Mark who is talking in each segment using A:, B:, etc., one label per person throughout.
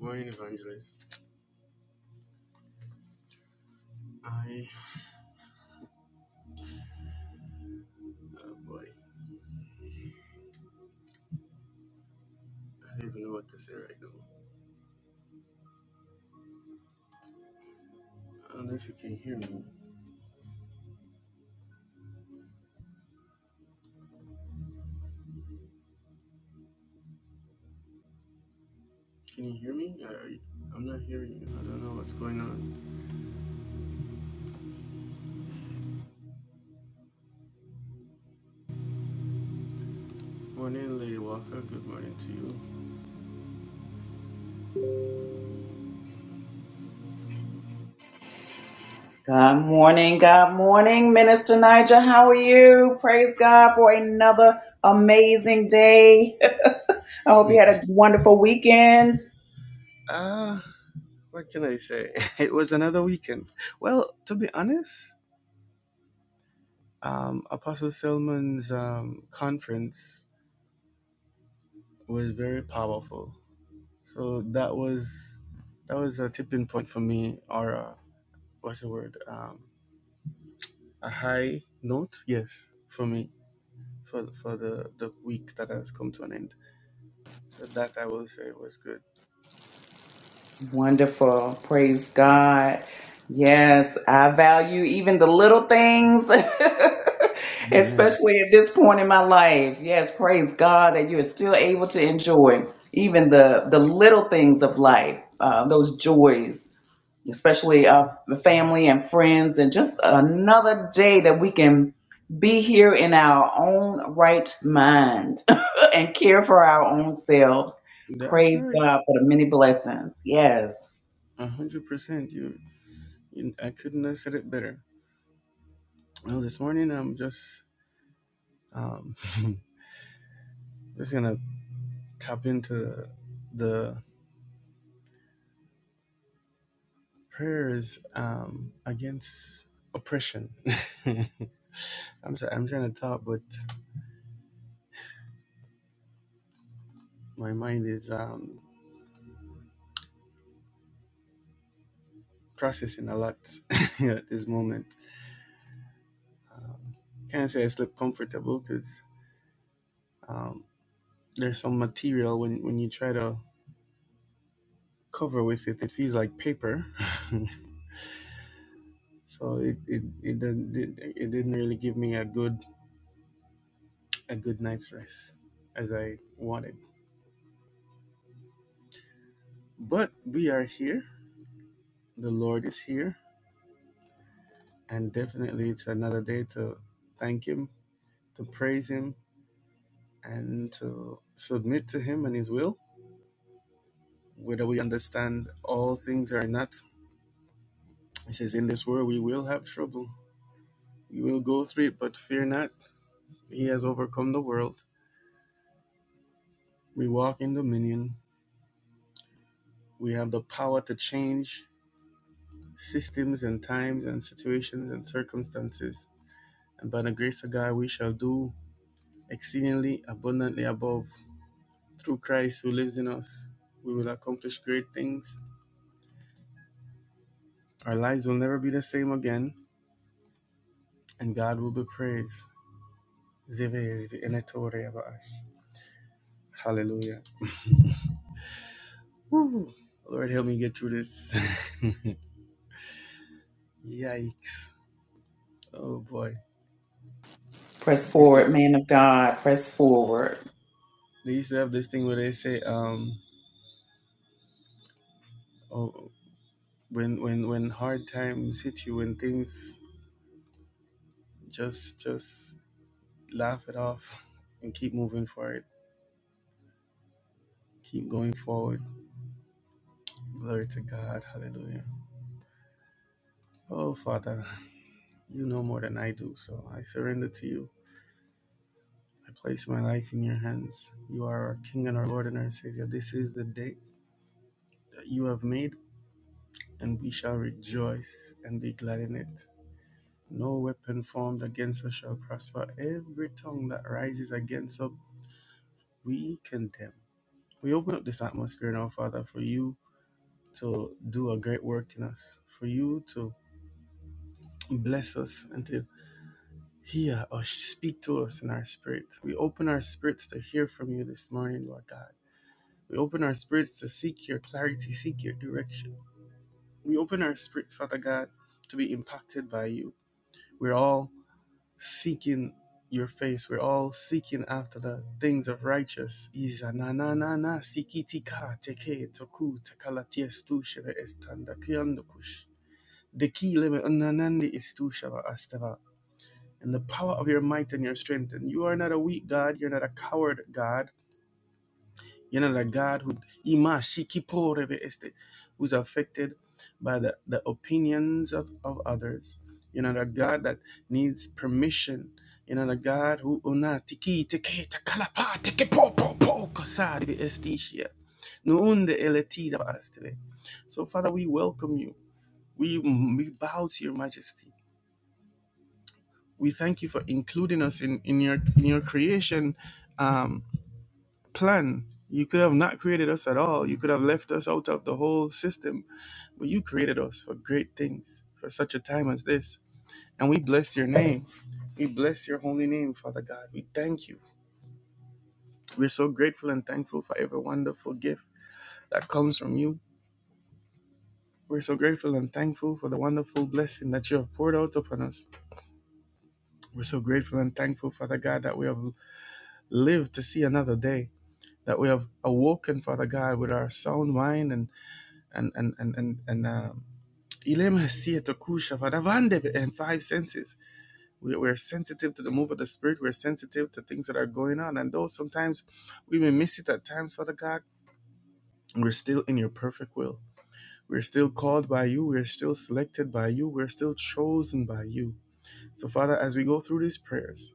A: Morning, Evangelist. I, oh boy, I don't even know what to say right now. I don't know if you can hear me. Can you hear me? Are you- I'm not hearing you. I don't know what's going on. Morning, Lady Walker. Good morning to
B: Good morning, good morning, Minister Niger. How are you? Praise God for another amazing day. I hope you had a
A: you.
B: wonderful weekend.
A: Ah, what can I say? It was another weekend. Well, to be honest, um, Apostle Selman's um, conference was very powerful. So that was that was a tipping point for me, or a, what's the word? Um, a high note, yes, for me, for for the the week that has come to an end. So that I will say was good.
B: Wonderful. Praise God. Yes, I value even the little things,
A: Amen.
B: especially at this point in my life. Yes, praise God that you are still able to enjoy even the, the little things of life, uh, those joys, especially of the family and friends, and just another day that we can be here in our own right mind and care for our own selves.
A: That's
B: Praise
A: right,
B: God for the many blessings. Yes.
A: a hundred percent. You, you, I couldn't have said it better. Well, this morning I'm just um just gonna tap into the prayers um against oppression. I'm sorry, I'm trying to talk, but my mind is um processing a lot at this moment. Can't say I slept comfortable because um, there's some material when, when you try to cover with it, it feels like paper. so it it it didn't it it didn't really give me a good a good night's rest as I wanted. But we are here. The Lord is here, and definitely it's another day to thank Him, to praise Him, and to submit to Him and His will. Whether we understand all things or not, He says, "In this world we will have trouble." You will go through it, but fear not. He has overcome the world. We walk in dominion. We have the power to change systems and times and situations and circumstances. And by the grace of God, we shall do exceedingly abundantly above. Through Christ who lives in us, we will accomplish great things. Our lives will never be the same again, and God will be praised. Zive enetore abash. Hallelujah. Woo. Lord, help me get through this. Yikes. Oh boy,
B: Press
A: they used to
B: forward, man of God. Press forward.
A: they used to have this thing where they say, um, oh, when when when hard times hit you, when things just just laugh it off and keep moving forward, keep going forward. Glory to God, Hallelujah. Oh Father, you know more than I do, so I surrender to you. I place my life in your hands. You are our King and our Lord and our Savior. This is the day that you have made, and we shall rejoice and be glad in it. No weapon formed against us shall prosper. Every tongue that rises against us, we condemn. We open up this atmosphere now, Father, for you to do a great work in us, for you to bless us and to hear or speak to us in our spirit. We open our spirits to hear from you this morning, Lord God. We open our spirits to seek your clarity, seek your direction. We open our spirits, Father God, to be impacted by you. We're all seeking your face. We're all seeking after the things of righteous. Iza na na na na sikitika teke toku tekalaties tushava estanda kiandukush. The key limit ananandi is tushava astava. And the power of your might and your strength. And you are not a weak God, you're not a coward God. You know, that God who Ima Shikiporeve este, who's affected by the, the opinions of, of others. You know, that God that needs permission. You know, the God who una tiki teke takalapa teke po po po kosari estishia. Nuunde eletida astele. So Father, we welcome you. We, we bow to your majesty. We thank you for including us in, in your in your creation Um plan. You could have not created us at all. You could have left us out of the whole system, but you created us for great things, for such a time as this. And we bless your name. We bless your holy name, Father God. We thank you. We're so grateful and thankful for every wonderful gift that comes from you. We're so grateful and thankful for the wonderful blessing that you have poured out upon us. We're so grateful and thankful, Father God, that we have lived to see another day, that we have awoken, Father God, with our sound mind and and and and and, and um, and five senses. We, we're sensitive to the move of the Spirit. We're sensitive to things that are going on. And though sometimes we may miss it at times, Father God, we're still in your perfect will. We're still called by you. We're still selected by you. We're still chosen by you. So, Father, as we go through these prayers,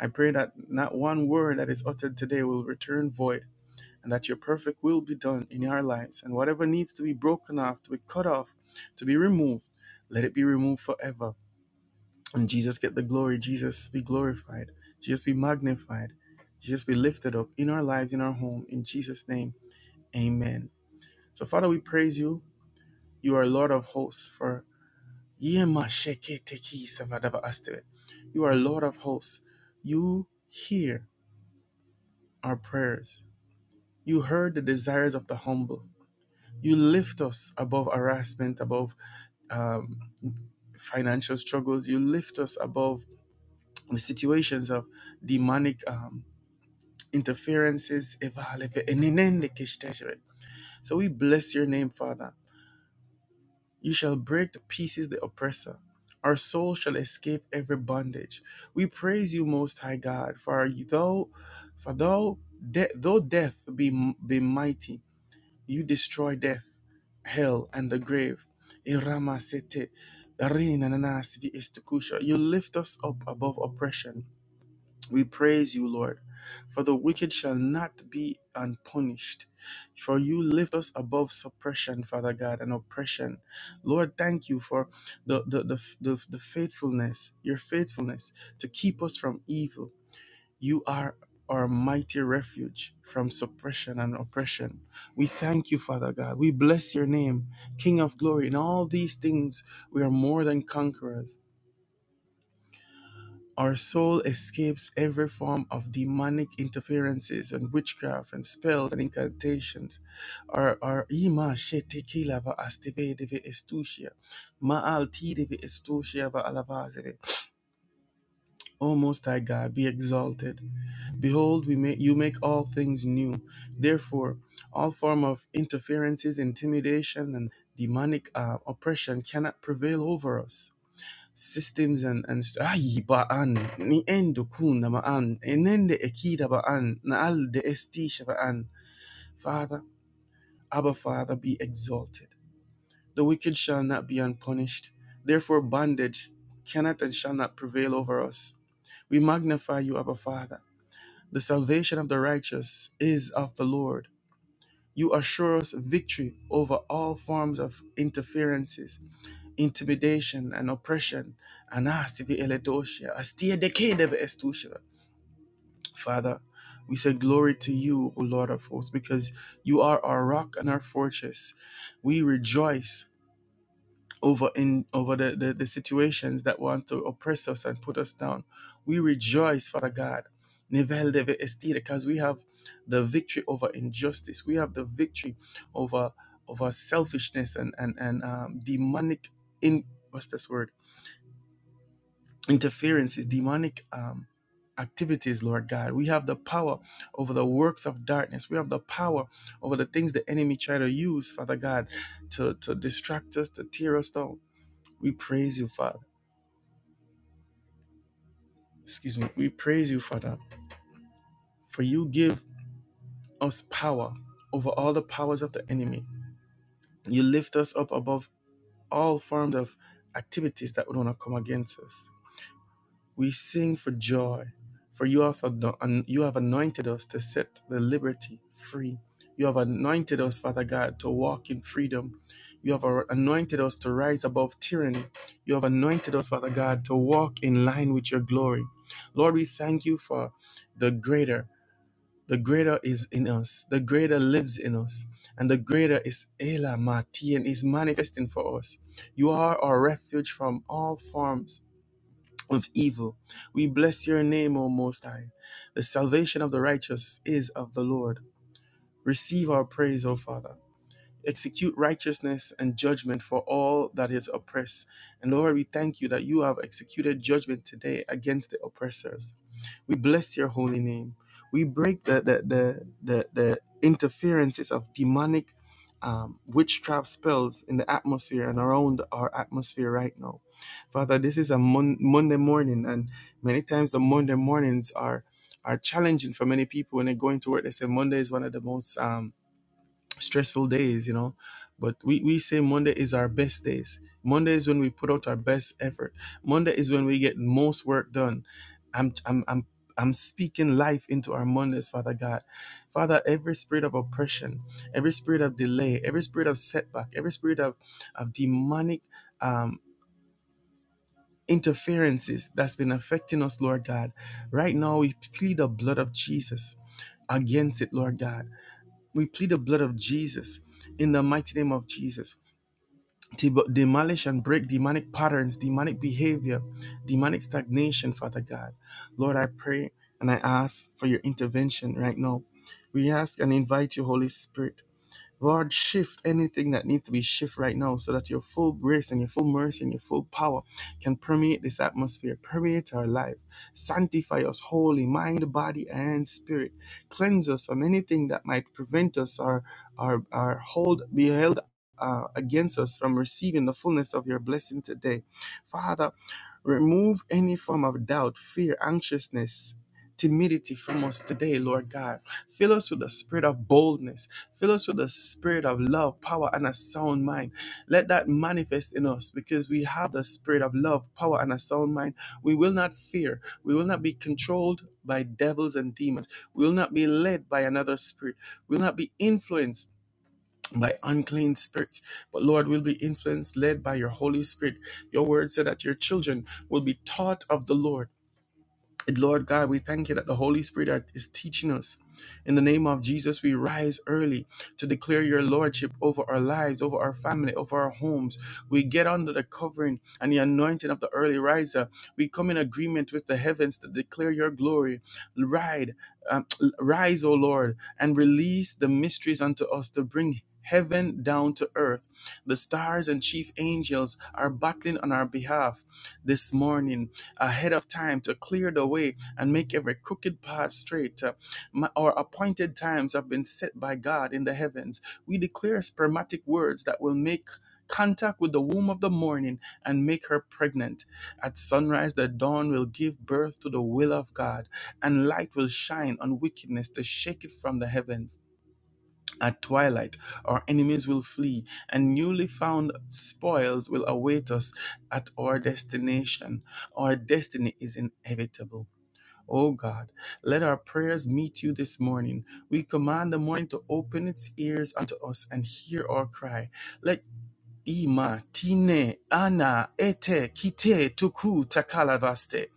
A: I pray that not one word that is uttered today will return void and that your perfect will be done in our lives. And whatever needs to be broken off, to be cut off, to be removed, let it be removed forever And Jesus get the glory. Jesus be glorified. Jesus be magnified. Jesus be lifted up in our lives, in our home. In Jesus' name, amen. So, Father, we praise you. You are Lord of hosts. For you are Lord of hosts. You hear our prayers. You heard the desires of the humble. You lift us above harassment, above um, financial struggles. You lift us above the situations of demonic. um, interferences evalefe enenende kishteshere. So we bless your name, Father. You shall break to pieces the oppressor. Our soul shall escape every bondage. We praise you, Most High God, for though, for though de- though death be be mighty, you destroy death, hell, and the grave. You lift us up above oppression. We praise you, Lord, for the wicked shall not be unpunished. For you lift us above suppression, Father God, and oppression. Lord, thank you for the, the, the, the, the faithfulness, your faithfulness to keep us from evil. You are our mighty refuge from suppression and oppression. We thank you, Father God. We bless your name, King of glory. In all these things, we are more than conquerors. Our soul escapes every form of demonic interferences and witchcraft and spells and incantations. Our our ima shetekila va asteve deve estusia. Ma'al ti estusia va alavazeve. O Most High God, be exalted. Behold, we make you make all things new. Therefore, all form of interferences, intimidation, and demonic uh, oppression cannot prevail over us systems and and ay ba'an ni endo kun ma'an enende ekida ba'an na al de estisha ba'an father abba father be exalted the wicked shall not be unpunished therefore bondage cannot and shall not prevail over us we magnify you abba father the salvation of the righteous is of the lord you assure us victory over all forms of interferences intimidation and oppression. Anasivi eledoshia, astia dekede estushia. Father, we say glory to you, O Lord of hosts, because you are our rock and our fortress. We rejoice over in over the, the, the situations that want to oppress us and put us down. We rejoice, Father God. Nivel deve estida, Because we have the victory over injustice. We have the victory over over selfishness and and and um, demonic in what's this word interferences, demonic um, activities, Lord God. We have the power over the works of darkness. We have the power over the things the enemy try to use, Father God, to, to distract us, to tear us down. We praise you, Father. Excuse me. We praise you, Father, for you give us power over all the powers of the enemy. You lift us up above all forms of activities that would want to come against us. We sing for joy, for you have, you have anointed us to set the liberty free. You have anointed us, Father God, to walk in freedom. You have anointed us to rise above tyranny. You have anointed us, Father God, to walk in line with your glory. Lord, we thank you for the greater. The greater is in us. The greater lives in us. And the greater is Ela Mati and is manifesting for us. You are our refuge from all forms of evil. We bless your name, O Most High. The salvation of the righteous is of the Lord. Receive our praise, O Father execute righteousness and judgment for all that is oppressed. And Lord, we thank you that you have executed judgment today against the oppressors. We bless your holy name. We break the the the the, the interferences of demonic um, witchcraft spells in the atmosphere and around our atmosphere right now. Father, this is a mon- Monday morning, and many times the Monday mornings are are challenging for many people when they go into work. They say Monday is one of the most um, stressful days, you know. But we, we say Monday is our best days. Monday is when we put out our best effort. Monday is when we get most work done. I'm I'm I'm I'm speaking life into our Mondays, Father God. Father, every spirit of oppression, every spirit of delay, every spirit of setback, every spirit of, of demonic um, interferences that's been affecting us, Lord God. Right now, we plead the blood of Jesus against it, Lord God. We plead the blood of Jesus in the mighty name of Jesus to demolish and break demonic patterns, demonic behavior, demonic stagnation, Father God. Lord, I pray and I ask for your intervention right now. We ask and invite you, Holy Spirit Lord, shift anything that needs to be shifted right now so that your full grace and your full mercy and your full power can permeate this atmosphere, permeate our life. Sanctify us wholly, mind, body, and spirit. Cleanse us from anything that might prevent us or, or, or hold, be held uh, against us from receiving the fullness of your blessing today. Father, remove any form of doubt, fear, anxiousness, timidity from us today, Lord God. Fill us with the spirit of boldness. Fill us with the spirit of love, power, and a sound mind. Let that manifest in us because we have the spirit of love, power, and a sound mind. We will not fear. We will not be controlled by devils and demons. We will not be led by another spirit. We will not be influenced. By unclean spirits, but Lord, we'll be influenced, led by your Holy Spirit. Your word said that your children will be taught of the Lord and Lord God, we thank you that the Holy Spirit is teaching us. In the name of Jesus, we rise early to declare your Lordship over our lives, over our family, over our homes. We get under the covering and the anointing of the early riser. We come in agreement with the heavens to declare your glory. Ride, um, rise, O Lord, and release the mysteries unto us to bring. Heaven down to earth. The stars and chief angels are battling on our behalf this morning ahead of time to clear the way and make every crooked path straight. Uh, my- our appointed times have been set by God in the heavens. We declare spermatic words that will make contact with the womb of the morning and make her pregnant. At sunrise, the dawn will give birth to the will of God, and light will shine on wickedness to shake it from the heavens. At twilight, our enemies will flee, and newly found spoils will await us at our destination. Our destiny is inevitable. Oh God, let our prayers meet you this morning. We command the morning to open its ears unto us and hear our cry. Let Ima tine ana ete kite tuku takalavaste.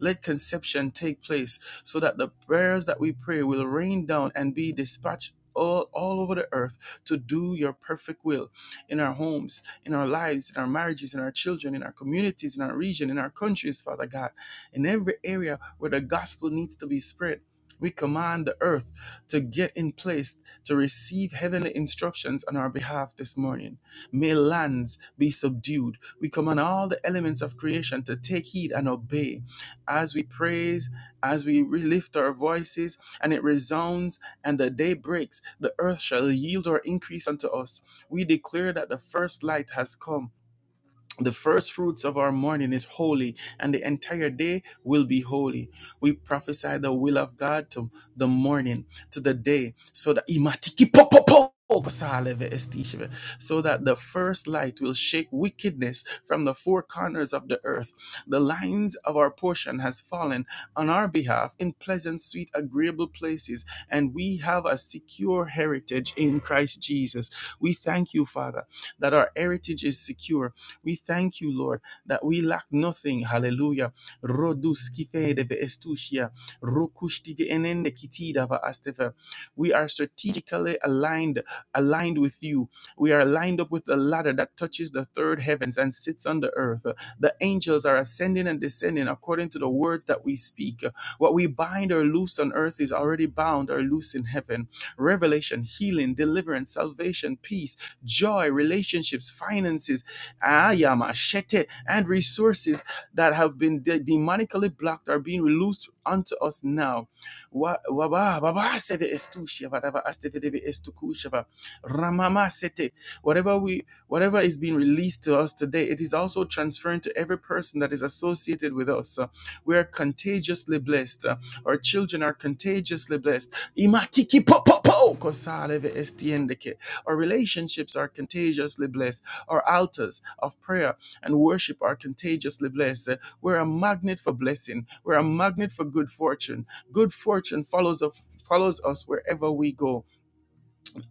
A: Let conception take place so that the prayers that we pray will rain down and be dispatched all, all over the earth to do your perfect will in our homes, in our lives, in our marriages, in our children, in our communities, in our region, in our countries, Father God. In every area where the gospel needs to be spread, we command the earth to get in place to receive heavenly instructions on our behalf this morning. May lands be subdued. We command all the elements of creation to take heed and obey as we praise, as we lift our voices, and it resounds, and the day breaks. The earth shall yield or increase unto us. We declare that the first light has come. The first fruits of our morning is holy, and the entire day will be holy. We prophesy the will of God to the morning, to the day, so that Imatiki po- po- po- pasaleve so that the first light will shake wickedness from the four corners of the earth. The lines of our portion has fallen on our behalf in pleasant, sweet, agreeable places, and we have a secure heritage in Christ Jesus. We thank you, Father, that our heritage is secure we thank you, Lord, that we lack nothing. Hallelujah. We are strategically aligned, aligned with you. We are lined up with the ladder that touches the third heavens and sits on the earth. The angels are ascending and descending according to the words that we speak. What we bind or loose on earth is already bound or loose in heaven. Revelation, healing, deliverance, salvation, peace, joy, relationships, finances, ayama, shete, and resources that have been de- demonically blocked are being released unto us now. Wa- waba- baba sete estu sheva, dava astete deve estu kusheva, ramama sete. Whatever we whatever is being released to us today, it is also transferring to every person that is associated with us. We are contagiously blessed. Uh, Our children are contagiously blessed. Imatiki po po po kosaleve estiendeke. Our relationships are contagiously blessed. Our altars of prayer and worship are contagiously blessed. Uh, We're a magnet for blessing. We're a magnet for good fortune. Good fortune follows of follows us wherever we go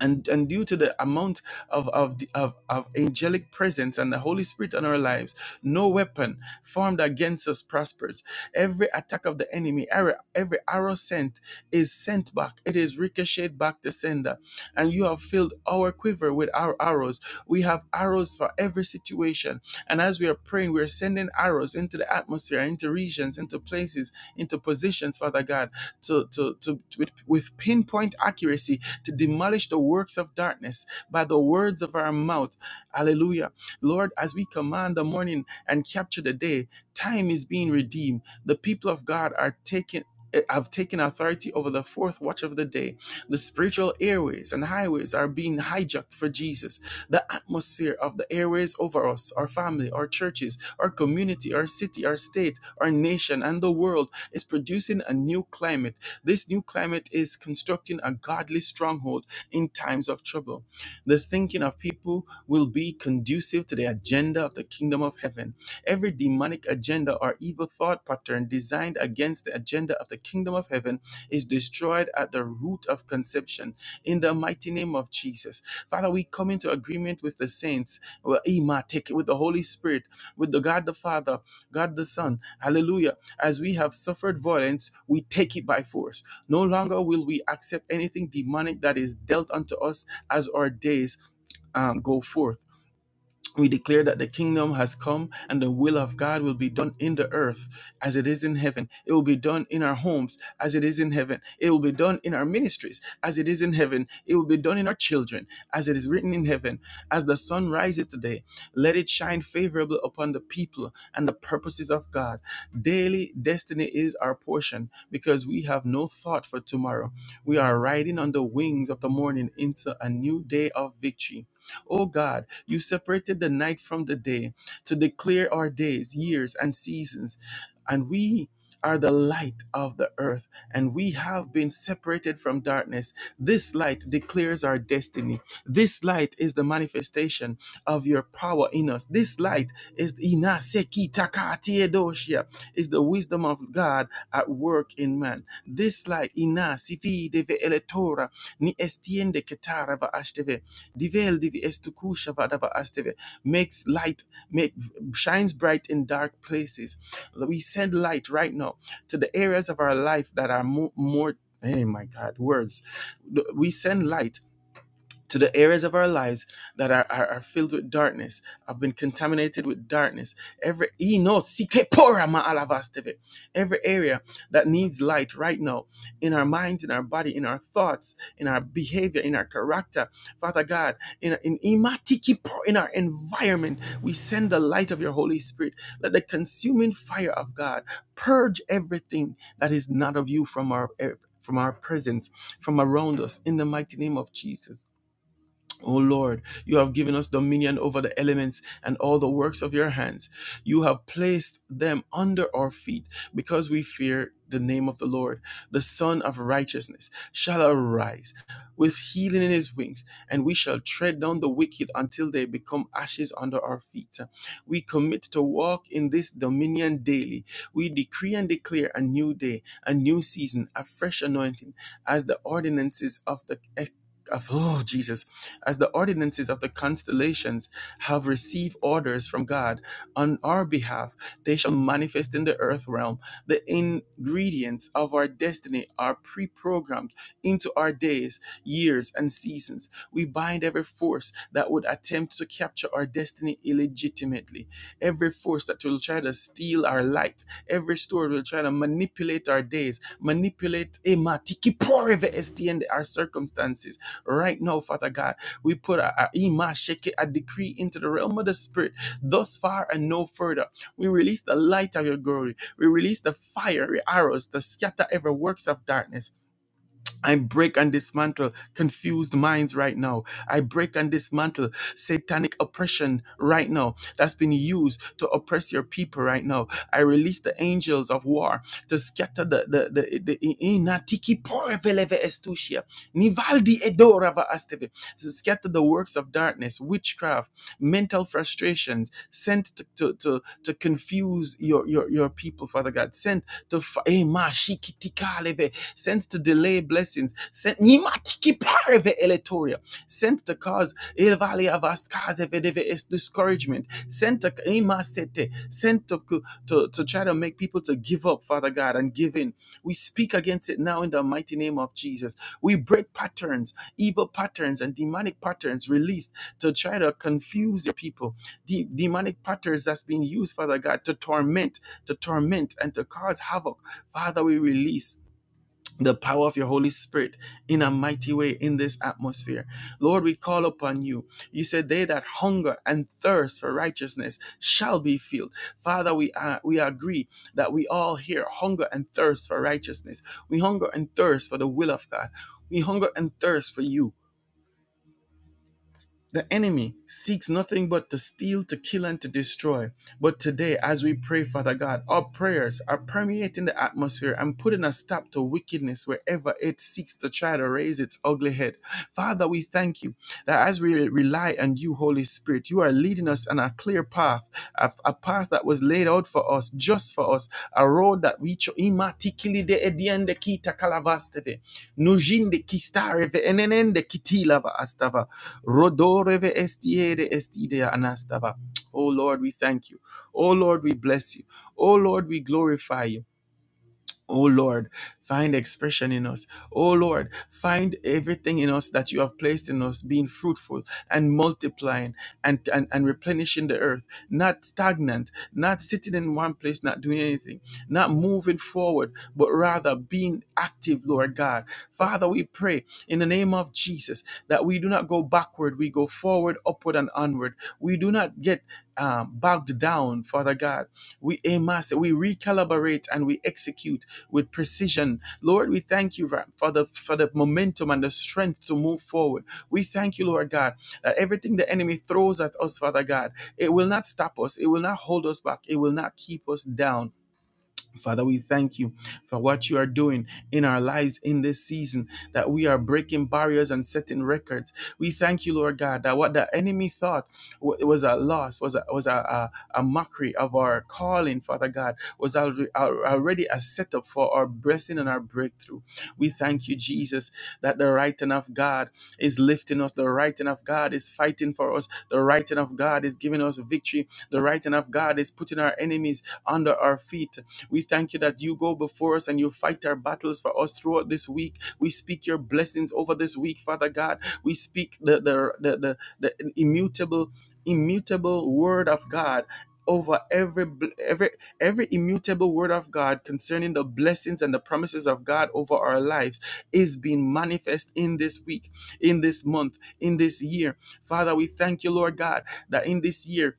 A: and and due to the amount of of the, of, of angelic presence and the holy spirit on our lives no weapon formed against us prospers every attack of the enemy every, every arrow sent is sent back it is ricocheted back to sender and you have filled our quiver with our arrows we have arrows for every situation and as we are praying we are sending arrows into the atmosphere into regions into places into positions father god to to, to with, with pinpoint accuracy to demolish the works of darkness by the words of our mouth. Hallelujah. Lord, as we command the morning and capture the day, time is being redeemed. The people of God are taking have taken authority over the fourth watch of the day. The spiritual airways and highways are being hijacked for Jesus. The atmosphere of the airways over us, our family, our churches, our community, our city, our state, our nation, and the world is producing a new climate. This new climate is constructing a godly stronghold in times of trouble. The thinking of people will be conducive to the agenda of the kingdom of heaven. Every demonic agenda or evil thought pattern designed against the agenda of the kingdom of heaven is destroyed at the root of conception. In the mighty name of Jesus. Father, we come into agreement with the saints, well, take with the Holy Spirit with the God the Father, God the Son. Hallelujah. As we have suffered violence, we take it by force. No longer will we accept anything demonic that is dealt unto us as our days um, go forth we declare that the kingdom has come and the will of God will be done in the earth as it is in heaven. It will be done in our homes as it is in heaven. It will be done in our ministries as it is in heaven. It will be done in our children as it is written in heaven. As the sun rises today, let it shine favorable upon the people and the purposes of God. Daily destiny is our portion because we have no thought for tomorrow. We are riding on the wings of the morning into a new day of victory. O God, you separated the night from the day to declare our days, years, and seasons. And we are the light of the earth, and we have been separated from darkness. This light declares our destiny. This light is the manifestation of your power in us. This light is Ina Seki Taka Tiedoshia, is the wisdom of God at work in man. This light, Ina Sifi Deve Eletora, Ni Estiende Ketara Va Ashteve, Divel divi estuku vadava asteve. Makes light, make shines bright in dark places. We send light right now to the areas of our life that are mo- more. Hey, my God, words. We send light to the areas of our lives that are, are, are filled with darkness, have been contaminated with darkness. Every he knows "Sike pora ma alavasteve." every area that needs light right now in our minds, in our body, in our thoughts, in our behavior, in our character, Father God, in in imatiki po- in our environment, we send the light of your Holy Spirit. Let the consuming fire of God purge everything that is not of you from our from our presence, from around us, in the mighty name of Jesus. O Lord, you have given us dominion over the elements and all the works of your hands. You have placed them under our feet because we fear the name of the Lord. The Son of Righteousness shall arise with healing in his wings, and we shall tread down the wicked until they become ashes under our feet. We commit to walk in this dominion daily. We decree and declare a new day, a new season, a fresh anointing, as the ordinances of the of, oh Jesus as the ordinances of the constellations have received orders from God on our behalf, they shall manifest in the earth realm. The ingredients of our destiny are pre programmed into our days, years, and seasons. We bind every force that would attempt to capture our destiny illegitimately, every force that will try to steal our light, every store will try to manipulate our days, manipulate eh, ma, tiki, pore, ve, and our circumstances right now, Father God. We put our, our imasheke, a decree into the realm of the spirit, thus far and no further. We release the light of your glory. We release the fiery arrows to scatter every works of darkness I break and dismantle confused minds right now. I break and dismantle satanic oppression right now that's been used to oppress your people right now. I release the angels of war to scatter the the the, the, inatiki pore veleve estusia, nivaldi edora va asteve. to scatter the works of darkness, witchcraft, mental frustrations sent to to to, to confuse your, your your people, Father God, sent to fa- eh, ma shikitika leve sent to delay blessings, sent nimatiki pareve eletoria, sent to cause il valley of es discouragement, sent to imasete, sent to, to to try to make people to give up, Father God, and give in. We speak against it now in the mighty name of Jesus. We break patterns, evil patterns, and demonic patterns released to try to confuse your people. The demonic patterns that's being used, Father God, to torment, to torment, and to cause havoc. Father, we release the power of your Holy Spirit in a mighty way in this atmosphere. Lord, we call upon you. You said, They that hunger and thirst for righteousness shall be filled. Father, we, are, we agree that we all here hunger and thirst for righteousness. We hunger and thirst for the will of God. We hunger and thirst for you. The enemy seeks nothing but to steal, to kill, and to destroy. But today, as we pray, Father God, our prayers are permeating the atmosphere and putting a stop to wickedness wherever it seeks to try to raise its ugly head. Father, we thank you that as we rely on you, Holy Spirit, you are leading us on a clear path, a, a path that was laid out for us, just for us, a road that we cho- Imatikili de ediende kita kalavasteve. Nujinde kistareve enenende kitilava astava. Rodoreve estiere estidea anastava. Oh Lord, we thank you. Oh Lord, we bless you. Oh Lord, we glorify you. Oh Lord, find expression in us. Oh Lord, find everything in us that you have placed in us, being fruitful and multiplying and, and, and replenishing the earth, not stagnant, not sitting in one place, not doing anything, not moving forward, but rather being active, Lord God. Father, we pray in the name of Jesus that we do not go backward, we go forward, upward, and onward. We do not get um, bogged down, Father God we aim master, we recalibrate and we execute with precision. Lord, we thank you Ra- for the for the momentum and the strength to move forward. We thank you, Lord God, that everything the enemy throws at us, Father God, it will not stop us, it will not hold us back, it will not keep us down. Father, we thank you for what you are doing in our lives in this season, that we are breaking barriers and setting records. We thank you, Lord God, that what the enemy thought wa- was a loss, was a, was a, a, a mockery of our calling, Father God, was alre- al- already a setup for our blessing and our breakthrough. We thank you, Jesus, that the right hand of God is lifting us, the right hand of God is fighting for us, the right hand of God is giving us victory, the right hand of God is putting our enemies under our feet. We thank you that you go before us and you fight our battles for us throughout this week. We speak your blessings over this week, Father God. We speak the the the, the, the immutable immutable word of God over every every every immutable word of God concerning the blessings and the promises of God over our lives is being manifest in this week in this month in this year father we thank you lord god that in this year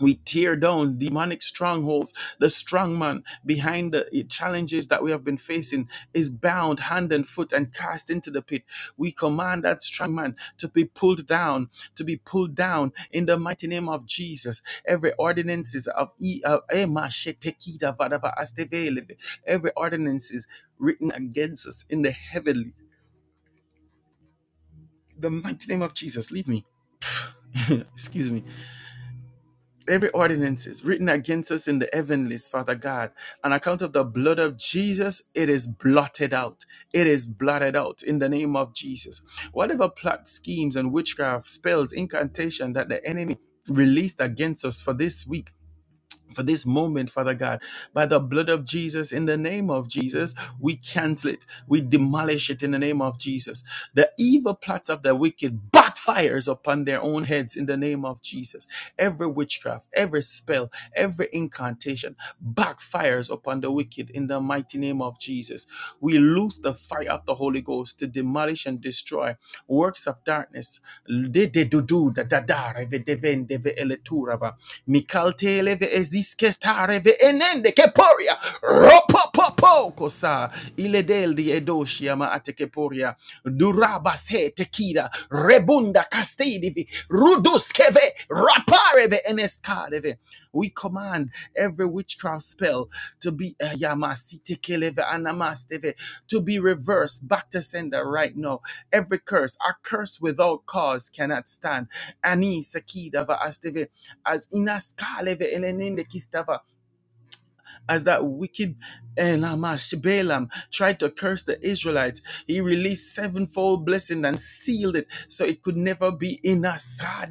A: we tear down demonic strongholds. The strong man behind the challenges that we have been facing is bound hand and foot and cast into the pit. We command that strong man to be pulled down, to be pulled down in the mighty name of Jesus. Every ordinances of E- uh, Ema Shetekida Vadava Astevele, every ordinances written against us in the heavenly. The mighty name of Jesus, leave me. Excuse me every ordinance is written against us in the heavenlies, Father God. On account of the blood of Jesus, it is blotted out. It is blotted out in the name of Jesus. Whatever plot schemes and witchcraft, spells, incantation that the enemy released against us for this week for this moment, Father God. By the blood of Jesus, in the name of Jesus, we cancel it. We demolish it in the name of Jesus. The evil plots of the wicked backfires upon their own heads in the name of Jesus. Every witchcraft, every spell, every incantation backfires upon the wicked in the mighty name of Jesus. We lose loose the fire of the Holy Ghost to demolish and destroy works of darkness. De de do do da da da reve de ven eleturava. Mikalte leve eziskestare ve enende keporia. Ropo po kosa. Ile del di edoshia ma ate Duraba se tekida. Rebunda castilla. Redivi, Ruduskeve, Rapareve, Eneskareve. We command every witchcraft spell to be eh, Yamasitekeleve, Anamasteve, to be reversed back to sender right now. Every curse, a curse without cause cannot stand. Ani Sakidava Asteve, as Inaskaleve, Eleninde Kistava as that wicked Elamash Balaam tried to curse the Israelites, he released sevenfold blessing and sealed it so it could never be in us. Ah,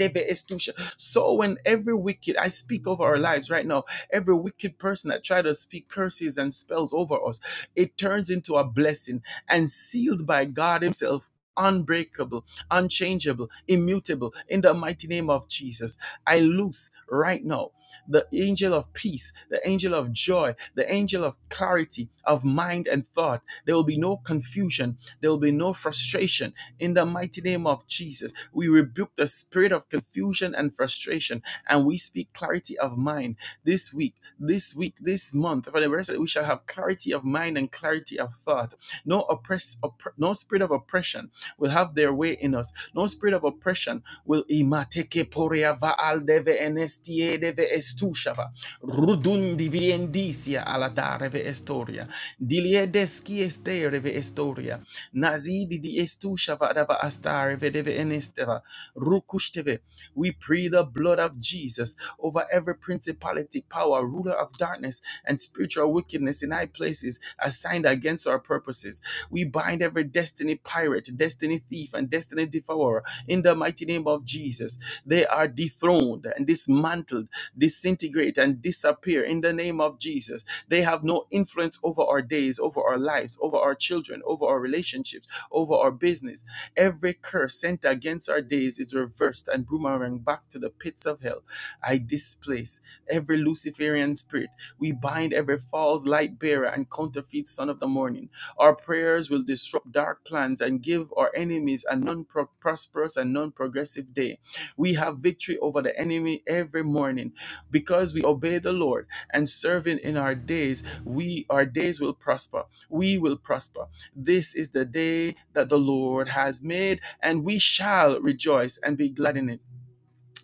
A: So when every wicked, I speak over our lives right now, every wicked person that tried to speak curses and spells over us, it turns into a blessing and sealed by God Himself. Unbreakable, unchangeable, immutable, in the mighty name of Jesus. I loose right now the angel of peace, the angel of joy, the angel of clarity of mind and thought. There will be no confusion, there will be no frustration. In the mighty name of Jesus, we rebuke the spirit of confusion and frustration, and we speak clarity of mind this week, this week, this month. For the rest, of it, we shall have clarity of mind and clarity of thought. No oppress, oppre- no spirit of oppression will have their way in us. No spirit of oppression will imateke poria va aldeve ene enestiedeve estushava, rudundi viendicia alatareve estoria, diliedesci estereve estoria, nazidi di estushava dava astareve deve enesteva, rukushteve. We pray the blood of Jesus over every principality, power, ruler of darkness, and spiritual wickedness in high places assigned against our purposes. We bind every destiny pirate, destiny thief, and destiny devourer in the mighty name of Jesus. They are dethroned and dismantled, disintegrate and disappear in the name of Jesus. They have no influence over our days, over our lives, over our children, over our relationships, over our business. Every curse sent against our days is reversed and boomerang back to the pits of hell. I displace every Luciferian spirit. We bind every false light bearer and counterfeit son of the morning. Our prayers will disrupt dark plans and give our enemies a non prosperous and non progressive day. We have victory over the enemy every morning because we obey the Lord and serving in our days, we our days will prosper. We will prosper. This is the day that the Lord has made and we shall rejoice and be glad in it.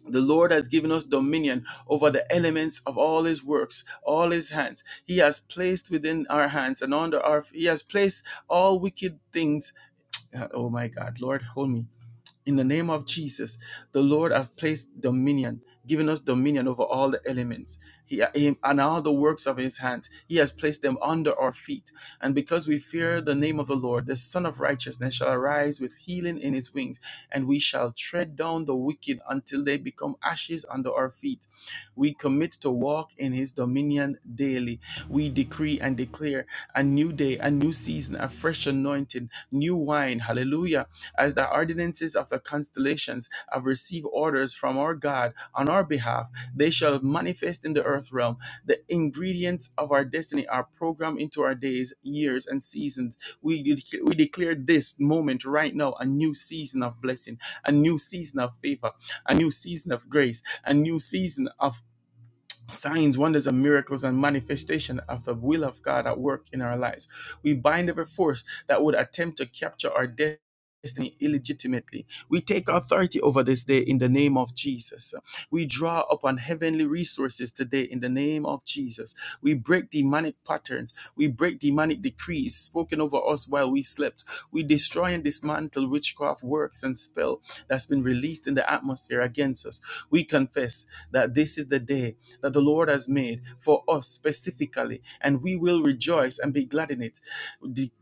A: The Lord has given us dominion over the elements of all his works, all his hands. He has placed within our hands and under our he has placed all wicked things. Uh, Oh my God, Lord, hold me. In the name of Jesus, the Lord have placed dominion, given us dominion over all the elements. He, him, and all the works of his hand. He has placed them under our feet. And because we fear the name of the Lord, the Son of Righteousness shall arise with healing in his wings, and we shall tread down the wicked until they become ashes under our feet. We commit to walk in his dominion daily. We decree and declare a new day, a new season, a fresh anointing, new wine. Hallelujah. As the ordinances of the constellations have received orders from our God on our behalf, they shall manifest in the earth realm. The ingredients of our destiny are programmed into our days, years, and seasons. We, de- we declare this moment right now a new season of blessing, a new season of favor, a new season of grace, a new season of signs, wonders, and miracles and manifestation of the will of God at work in our lives. We bind every force that would attempt to capture our destiny. illegitimately. We take authority over this day in the name of Jesus. We draw upon heavenly resources today in the name of Jesus. We break demonic patterns. We break demonic decrees spoken over us while we slept. We destroy and dismantle witchcraft works and spell that's been released in the atmosphere against us. We confess that this is the day that the Lord has made for us specifically, and we will rejoice and be glad in it.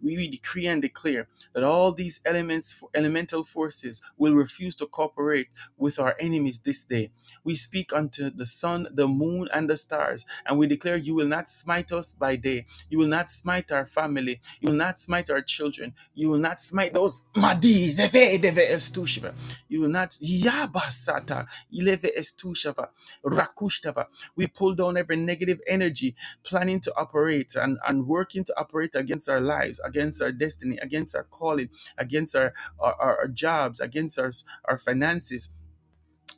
A: We decree and declare that all these elements, elemental forces, will refuse to cooperate with our enemies this day we speak unto the sun, the moon, and the stars, and we declare, You will not smite us by day. You will not smite our family. You will not smite our children. You will not smite those madis. Eve, deve, estushiva. You will not. Yabasata. Ileve estushava. Rakushtava. We pull down every negative energy planning to operate and, and working to operate against our lives, against our destiny, against our calling, against our, our, our our jobs, against our, our finances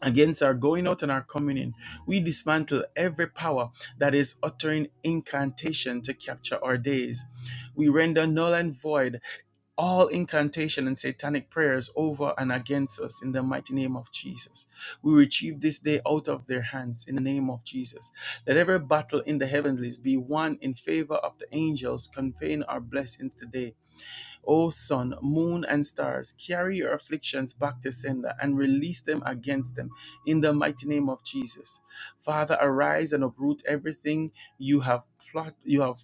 A: against our going out and our coming in. We dismantle every power that is uttering incantation to capture our days. We render null and void all incantation and satanic prayers over and against us in the mighty name of Jesus. We retrieve this day out of their hands in the name of Jesus. Let every battle in the heavenlies be won in favor of the angels conveying our blessings today. O sun, moon, and stars, carry your afflictions back to sender and release them against them in the mighty name of Jesus. Father, arise and uproot everything you have plot, you have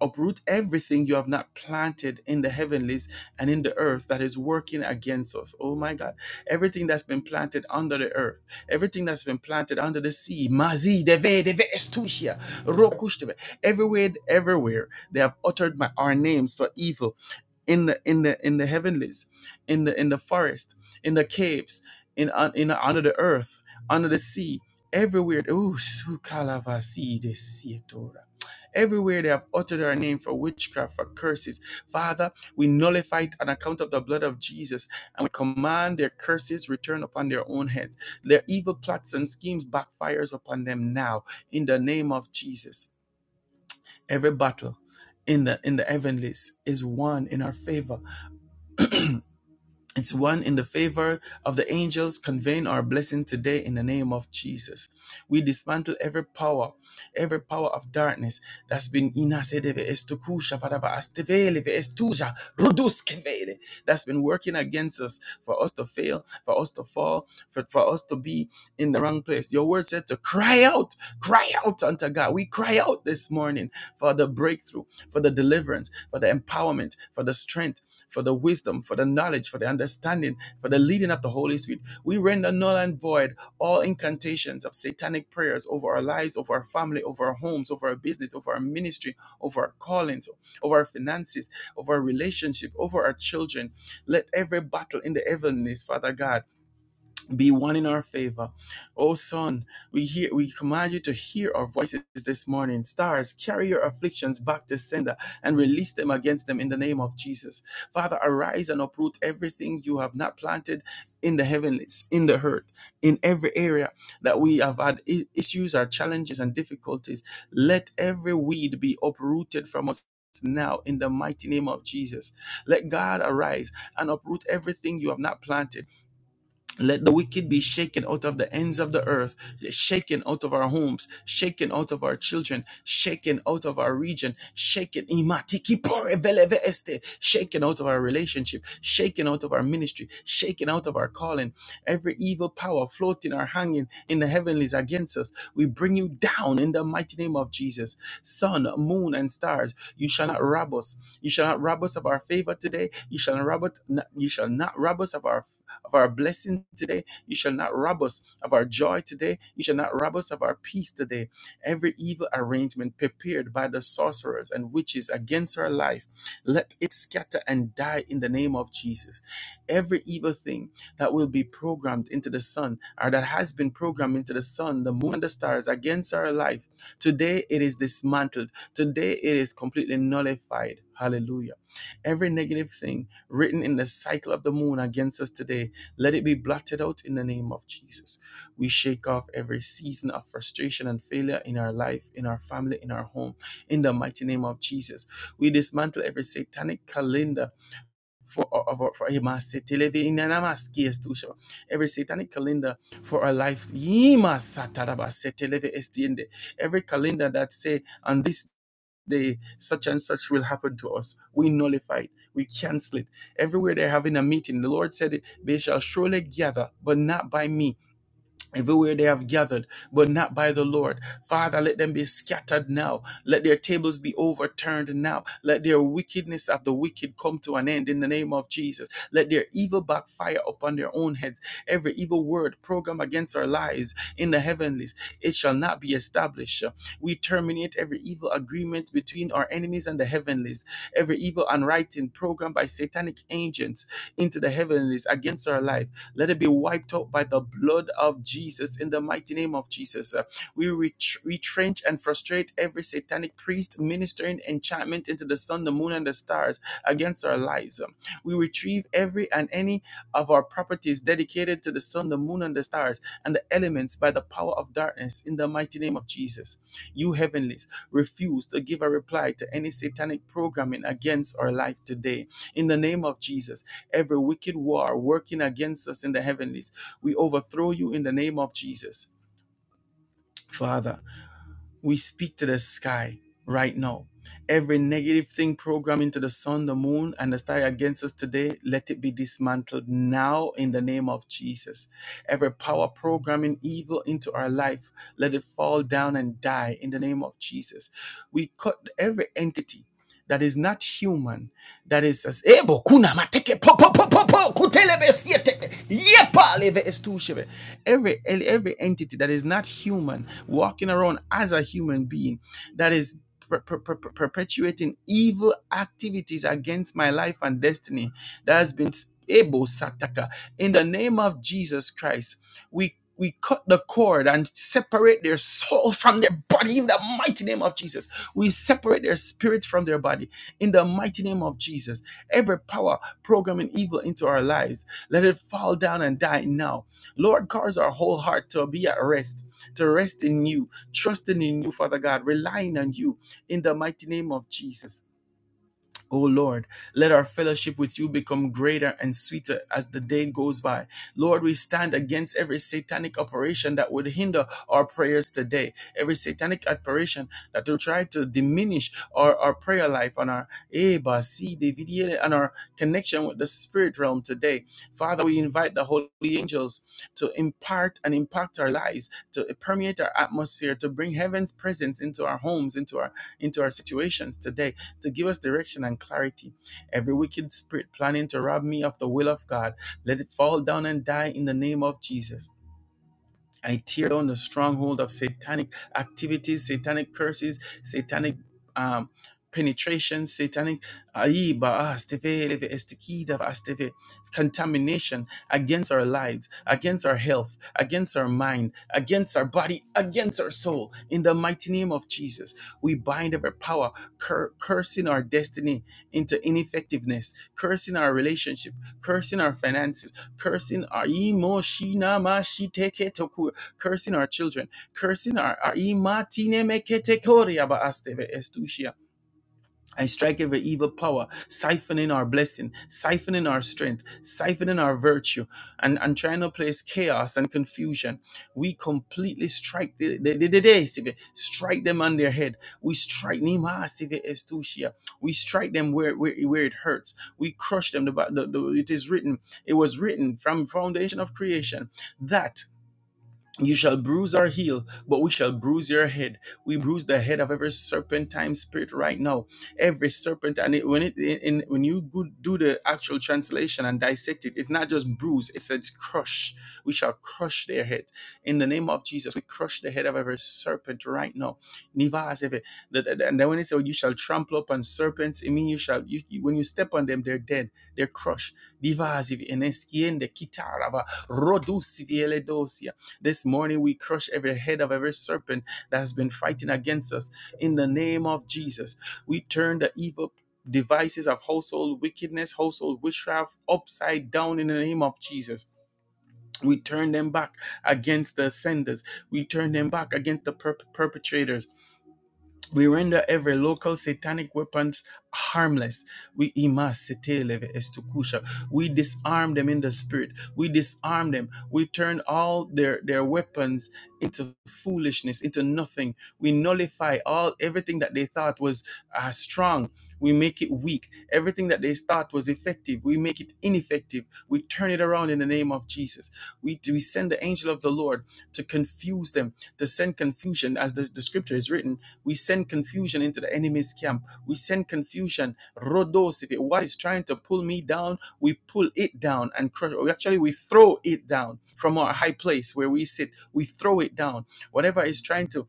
A: uproot everything you have not planted in the heavenlies and in the earth that is working against us. Oh my God. Everything that's been planted under the earth, everything that's been planted under the sea, Mazi, Deve, Deve, Estusia, Rokushteve, everywhere, everywhere, they have uttered my, our names for evil in the in the in the heavenlies, in the in the forest, in the caves, in un- in under the earth, under the sea, everywhere. Ooh, su- kalavasi de Everywhere they have uttered our name for witchcraft, for curses. Father, we nullify it on account of the blood of Jesus and we command their curses return upon their own heads. Their evil plots and schemes backfires upon them now in the name of Jesus. Every battle in the in the heavenlies is won in our favor it's one in the favor of the angels conveying our blessing today in the name of Jesus. We dismantle every power, every power of darkness that's been inasedeve estukusha vadava astevele ve estuja ruduskevele that's been working against us for us to fail, for us to fall, for, for us to be in the wrong place. Your word said to cry out, cry out unto God. We cry out this morning for the breakthrough, for the deliverance, for the empowerment, for the strength for the wisdom, for the knowledge, for the understanding, for the leading of the Holy Spirit. We render null and void all incantations of satanic prayers over our lives, over our family, over our homes, over our business, over our ministry, over our callings, over our finances, over our relationship, over our children. Let every battle in the heavenlies, Father God be one in our favor. O Son, we hear we command you to hear our voices this morning. Stars, carry your afflictions back to sender and release them against them in the name of Jesus. Father, arise and uproot everything you have not planted in the heavenlies, in the earth, in every area that we have had issues or challenges and difficulties. Let every weed be uprooted from us. Now, in the mighty name of Jesus, let God arise and uproot everything you have not planted let the wicked be shaken out of the ends of the earth, shaken out of our homes, shaken out of our children, shaken out of our region, shaken imatiki pore veleve este, shaken out of our relationship, shaken out of our ministry, shaken out of our calling. Every evil power floating or hanging in the heavenlies against us, we bring you down in the mighty name of Jesus. Sun, moon, and stars, you shall not rob us. You shall not rob us of our favor today. You shall not rob us. You shall not rob us of our of our blessing today. You shall not rob us of our joy today. You shall not rob us of our peace today. Every evil arrangement prepared by the sorcerers and witches against our life, let it scatter and die in the name of Jesus. Every evil thing that will be programmed into the sun or that has been programmed into the sun, the moon, and the stars against our life, today it is dismantled. Today it is completely nullified. Hallelujah. Every negative thing written in the cycle of the moon against us today let it be blotted out in the name of Jesus. We shake off every season of frustration and failure in our life, in our family, in our home, in the mighty name of Jesus. We dismantle every satanic calendar for our for for- every satanic calendar for our life. Every calendar that say on this the such and such will happen to us. We nullify it. We cancel it. Everywhere they're having a meeting, the Lord said, They shall surely gather, but not by me. Everywhere they have gathered, but not by the Lord. Father, let them be scattered now. Let their tables be overturned now. Let their wickedness of the wicked come to an end in the name of Jesus. Let their evil backfire upon their own heads. Every evil word programmed against our lives in the heavenlies, it shall not be established. We terminate every evil agreement between our enemies and the heavenlies. Every evil unwriting programmed by satanic agents into the heavenlies against our life. Let it be wiped out by the blood of Jesus in the mighty name of Jesus. Uh, We ret- retrench and frustrate every satanic priest ministering enchantment into the sun, the moon, and the stars against our lives. Um, We retrieve every and any of our properties dedicated to the sun, the moon, and the stars and the elements by the power of darkness in the mighty name of Jesus. You heavenlies refuse to give a reply to any satanic programming against our life today in the name of Jesus every wicked war working against us in the heavenlies. We overthrow you in the name of Jesus. Father, we speak to the sky right now. Every negative thing programmed into the sun, the moon, and the star against us today, let it be dismantled now in the name of Jesus. Every power programming evil into our life, let it fall down and die in the name of Jesus. We cut every entity that is not human that is as ebo kuna mateke po po po po po kutelebe siete yepa leve estushebe. Every every entity that is not human walking around as a human being that is per- per- per- perpetuating evil activities against my life and destiny that has been able sataka in the name of jesus christ we we cut the cord and separate their soul from their body in the mighty name of Jesus. We separate their spirit from their body in the mighty name of Jesus. Every power programming evil into our lives, let it fall down and die now. Lord, cause our whole heart to be at rest to rest in you, trusting in you, Father God, relying on you in the mighty name of Jesus. O Lord, let our fellowship with you become greater and sweeter as the day goes by. Lord, we stand against every satanic operation that would hinder our prayers today, every satanic operation that will try to diminish our, our prayer life and our eh, ba, si, de, eh, and our connection with the spirit realm today. Father, we invite the holy angels to impart and impact our lives, to permeate our atmosphere, to bring heaven's presence into our homes, into our into our situations today to give us direction and clarity. Every wicked spirit planning to rob me of the will of God, let it fall down and die in the name of Jesus. I tear down the stronghold of satanic activities, satanic curses, satanic um, penetration, satanic ayi ba asteve, leve, estikida, va asteve, contamination against our lives, against our health, against our mind, against our body, against our soul. In the mighty name of Jesus, we bind every power cur- cursing our destiny into ineffectiveness, cursing our relationship, cursing our finances, cursing our emotion cursing our children, cursing our, our imatine meketekoria baasteve estusia. I strike every evil power, siphoning our blessing, siphoning our strength, siphoning our virtue, and, and trying to place chaos and confusion. We completely strike the, the, the, the, the strike them on their head. We strike nima sieve estusia. We strike them where, where where it hurts. We crush them. The, the, the, it is written. It was written from foundation of creation that you shall bruise our heel, but we shall bruise your head. We bruise the head of every serpentine spirit right now. Every serpent, and it, when it in, when you go- do the actual translation and dissect it, it's not just bruise; it says crush. We shall crush their head in the name of Jesus. We crush the head of every serpent right now. Nivas efe. The- the- the- And then when it says you shall trample upon serpents, it means you shall you, you- when you step on them, they're dead, they're crushed. Divas efe. Eneskiende kitarava. Rodu this morning we crush every head of every serpent that has been fighting against us. In the name of Jesus, we turn the evil devices of household wickedness, household witchcraft upside down in the name of Jesus. We turn them back against the senders. We turn them back against the perp- perpetrators. We render every local satanic weapons harmless. We imas seteleve estukusha. We disarm them in the spirit. We disarm them. We turn all their, their weapons into foolishness, into nothing. We nullify all everything that they thought was uh, strong. We make it weak. Everything that they thought was effective, we make it ineffective. We turn it around in the name of Jesus. We, we send the angel of the Lord to confuse them, to send confusion, as the, the scripture is written we send confusion into the enemy's camp. We send confusion. Rodos, if it what is trying to pull me down, we pull it down and crush. Or actually, we throw it down from our high place where we sit. We throw it down. Whatever is trying to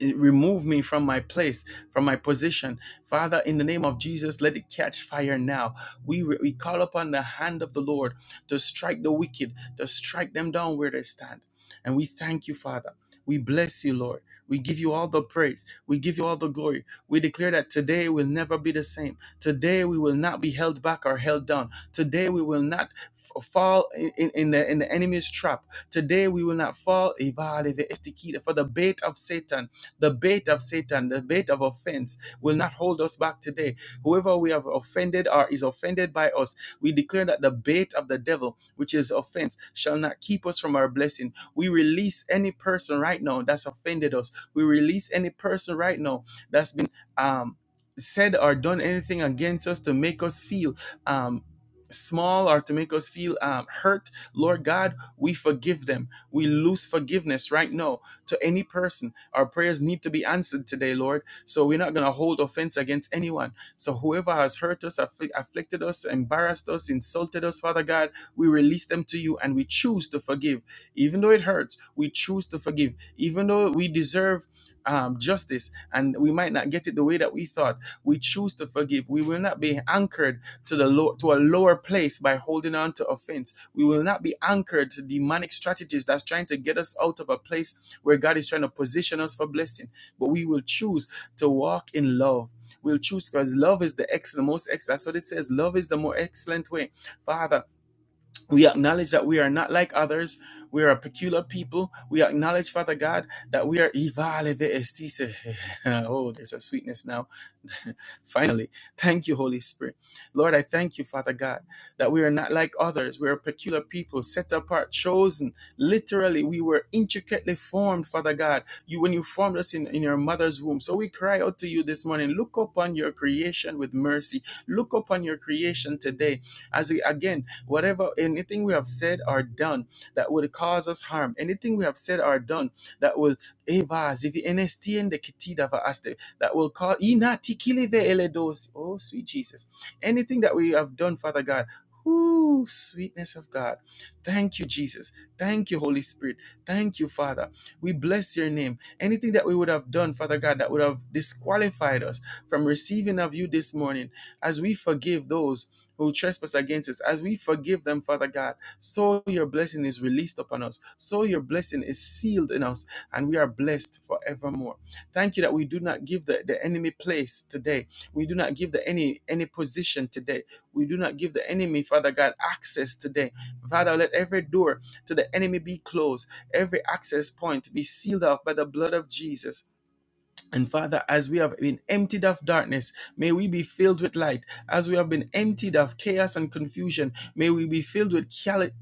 A: remove me from my place, from my position. Father, in the name of Jesus, let it catch fire now. We, we call upon the hand of the Lord to strike the wicked, to strike them down where they stand. And we thank you, Father. We bless you, Lord. We give you all the praise. We give you all the glory. We declare that today will never be the same. Today we will not be held back or held down. Today we will not f- fall in, in, in the, in the enemy's trap. Today we will not fall. For the bait of Satan. The bait of Satan, the bait of offense will not hold us back today. Whoever we have offended or is offended by us, we declare that the bait of the devil, which is offense, shall not keep us from our blessing. We release any person right now that's offended us. We release any person right now that's been um, said or done anything against us to make us feel um, small or to make us feel um, hurt. Lord God, we forgive them. We lose forgiveness right now to any person. Our prayers need to be answered today, Lord. So we're not going to hold offense against anyone. So whoever has hurt us, affli- afflicted us, embarrassed us, insulted us, Father God, we release them to you and we choose to forgive. Even though it hurts, we choose to forgive. Even though we deserve um, justice and we might not get it the way that we thought, we choose to forgive. We will not be anchored to the low, to a lower place by holding on to offense. We will not be anchored to demonic strategies that's trying to get us out of a place where God is trying to position us for blessing. But we will choose to walk in love. We'll choose because love is the ex, the most ex. That's what it says. Love is the more excellent way. Father, we acknowledge that we are not like others. We are a peculiar people. We acknowledge, Father God, that we are. Oh, there's a sweetness now Finally, thank you, Holy Spirit. Lord, I thank you, Father God, that we are not like others. We are peculiar people, set apart, chosen. Literally, we were intricately formed, Father God. You when you formed us in, in your mother's womb. So we cry out to you this morning. Look upon your creation with mercy. Look upon your creation today. As we again, whatever anything we have said or done that would cause us harm, anything we have said or done that will Evas, if NST and the kitida for us, that will call inatikileve eledos. Oh, sweet Jesus. Anything that we have done, Father God. Ooh, sweetness of God. Thank you, Jesus. Thank you, Holy Spirit. Thank you, Father. We bless your name. Anything that we would have done, Father God, that would have disqualified us from receiving of you this morning, as we forgive those who trespass against us, as we forgive them, Father God, so your blessing is released upon us. So your blessing is sealed in us, and we are blessed forevermore. Thank you that we do not give the, the enemy place today. We do not give the any any position today. We do not give the enemy, Father God, access today. Father, let every door to the enemy be closed, every access point be sealed off by the blood of Jesus. And Father, as we have been emptied of darkness, may we be filled with light. As we have been emptied of chaos and confusion, may we be filled with cali-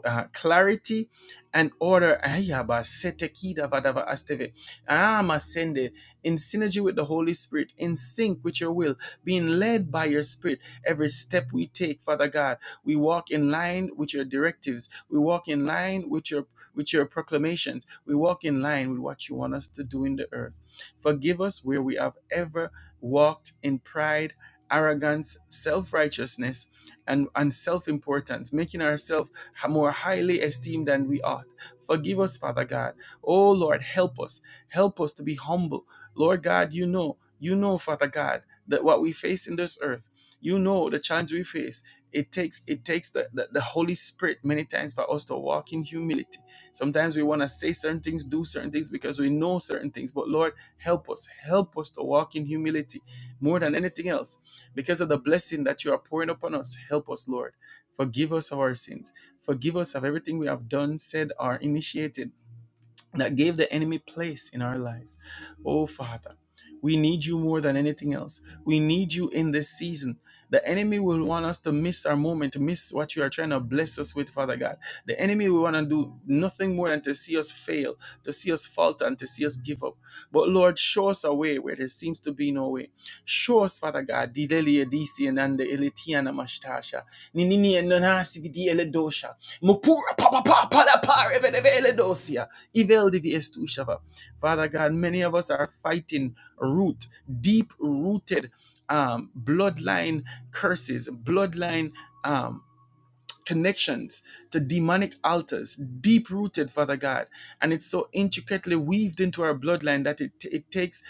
A: uh, clarity and order. Ayaba sete kida vadava asteve. Ama sende. In synergy with the Holy Spirit, in sync with your will, being led by your Spirit. Every step we take, Father God, we walk in line with your directives. We walk in line with your with your proclamations. We walk in line with what you want us to do in the earth. Forgive us where we have ever walked in pride, arrogance, self righteousness, and, and self importance, making ourselves more highly esteemed than we ought. Forgive us, Father God. Oh Lord, help us. Help us to be humble. Lord God, you know, you know, Father God, that what we face in this earth, you know the challenge we face. It takes it takes the, the, the Holy Spirit many times for us to walk in humility. Sometimes we want to say certain things, do certain things because we know certain things. But Lord, Help us. Help us to walk in humility more than anything else. Because of the blessing that you are pouring upon us, help us, Lord. Forgive us of our sins. Forgive us of everything we have done, said, or initiated that gave the enemy place in our lives. Oh, Father, we need you more than anything else. We need you in this season. The enemy will want us to miss our moment, to miss what you are trying to bless us with, Father God. The enemy will want to do nothing more than to see us fail, to see us falter, and to see us give up. But Lord, show us a way where there seems to be no way. Show us, Father God, Dideli Edisi and Ande Eletiana Mashtasha, Ninini and Nanasi Vidi Eledosha, Mupura Papa Papa Pala Pa Revedeve Eledosia. Evil devious to each other. Father God, many of us are fighting root, deep rooted um, bloodline curses, bloodline um, connections to demonic altars, deep rooted, Father God. And it's so intricately weaved into our bloodline that it, it takes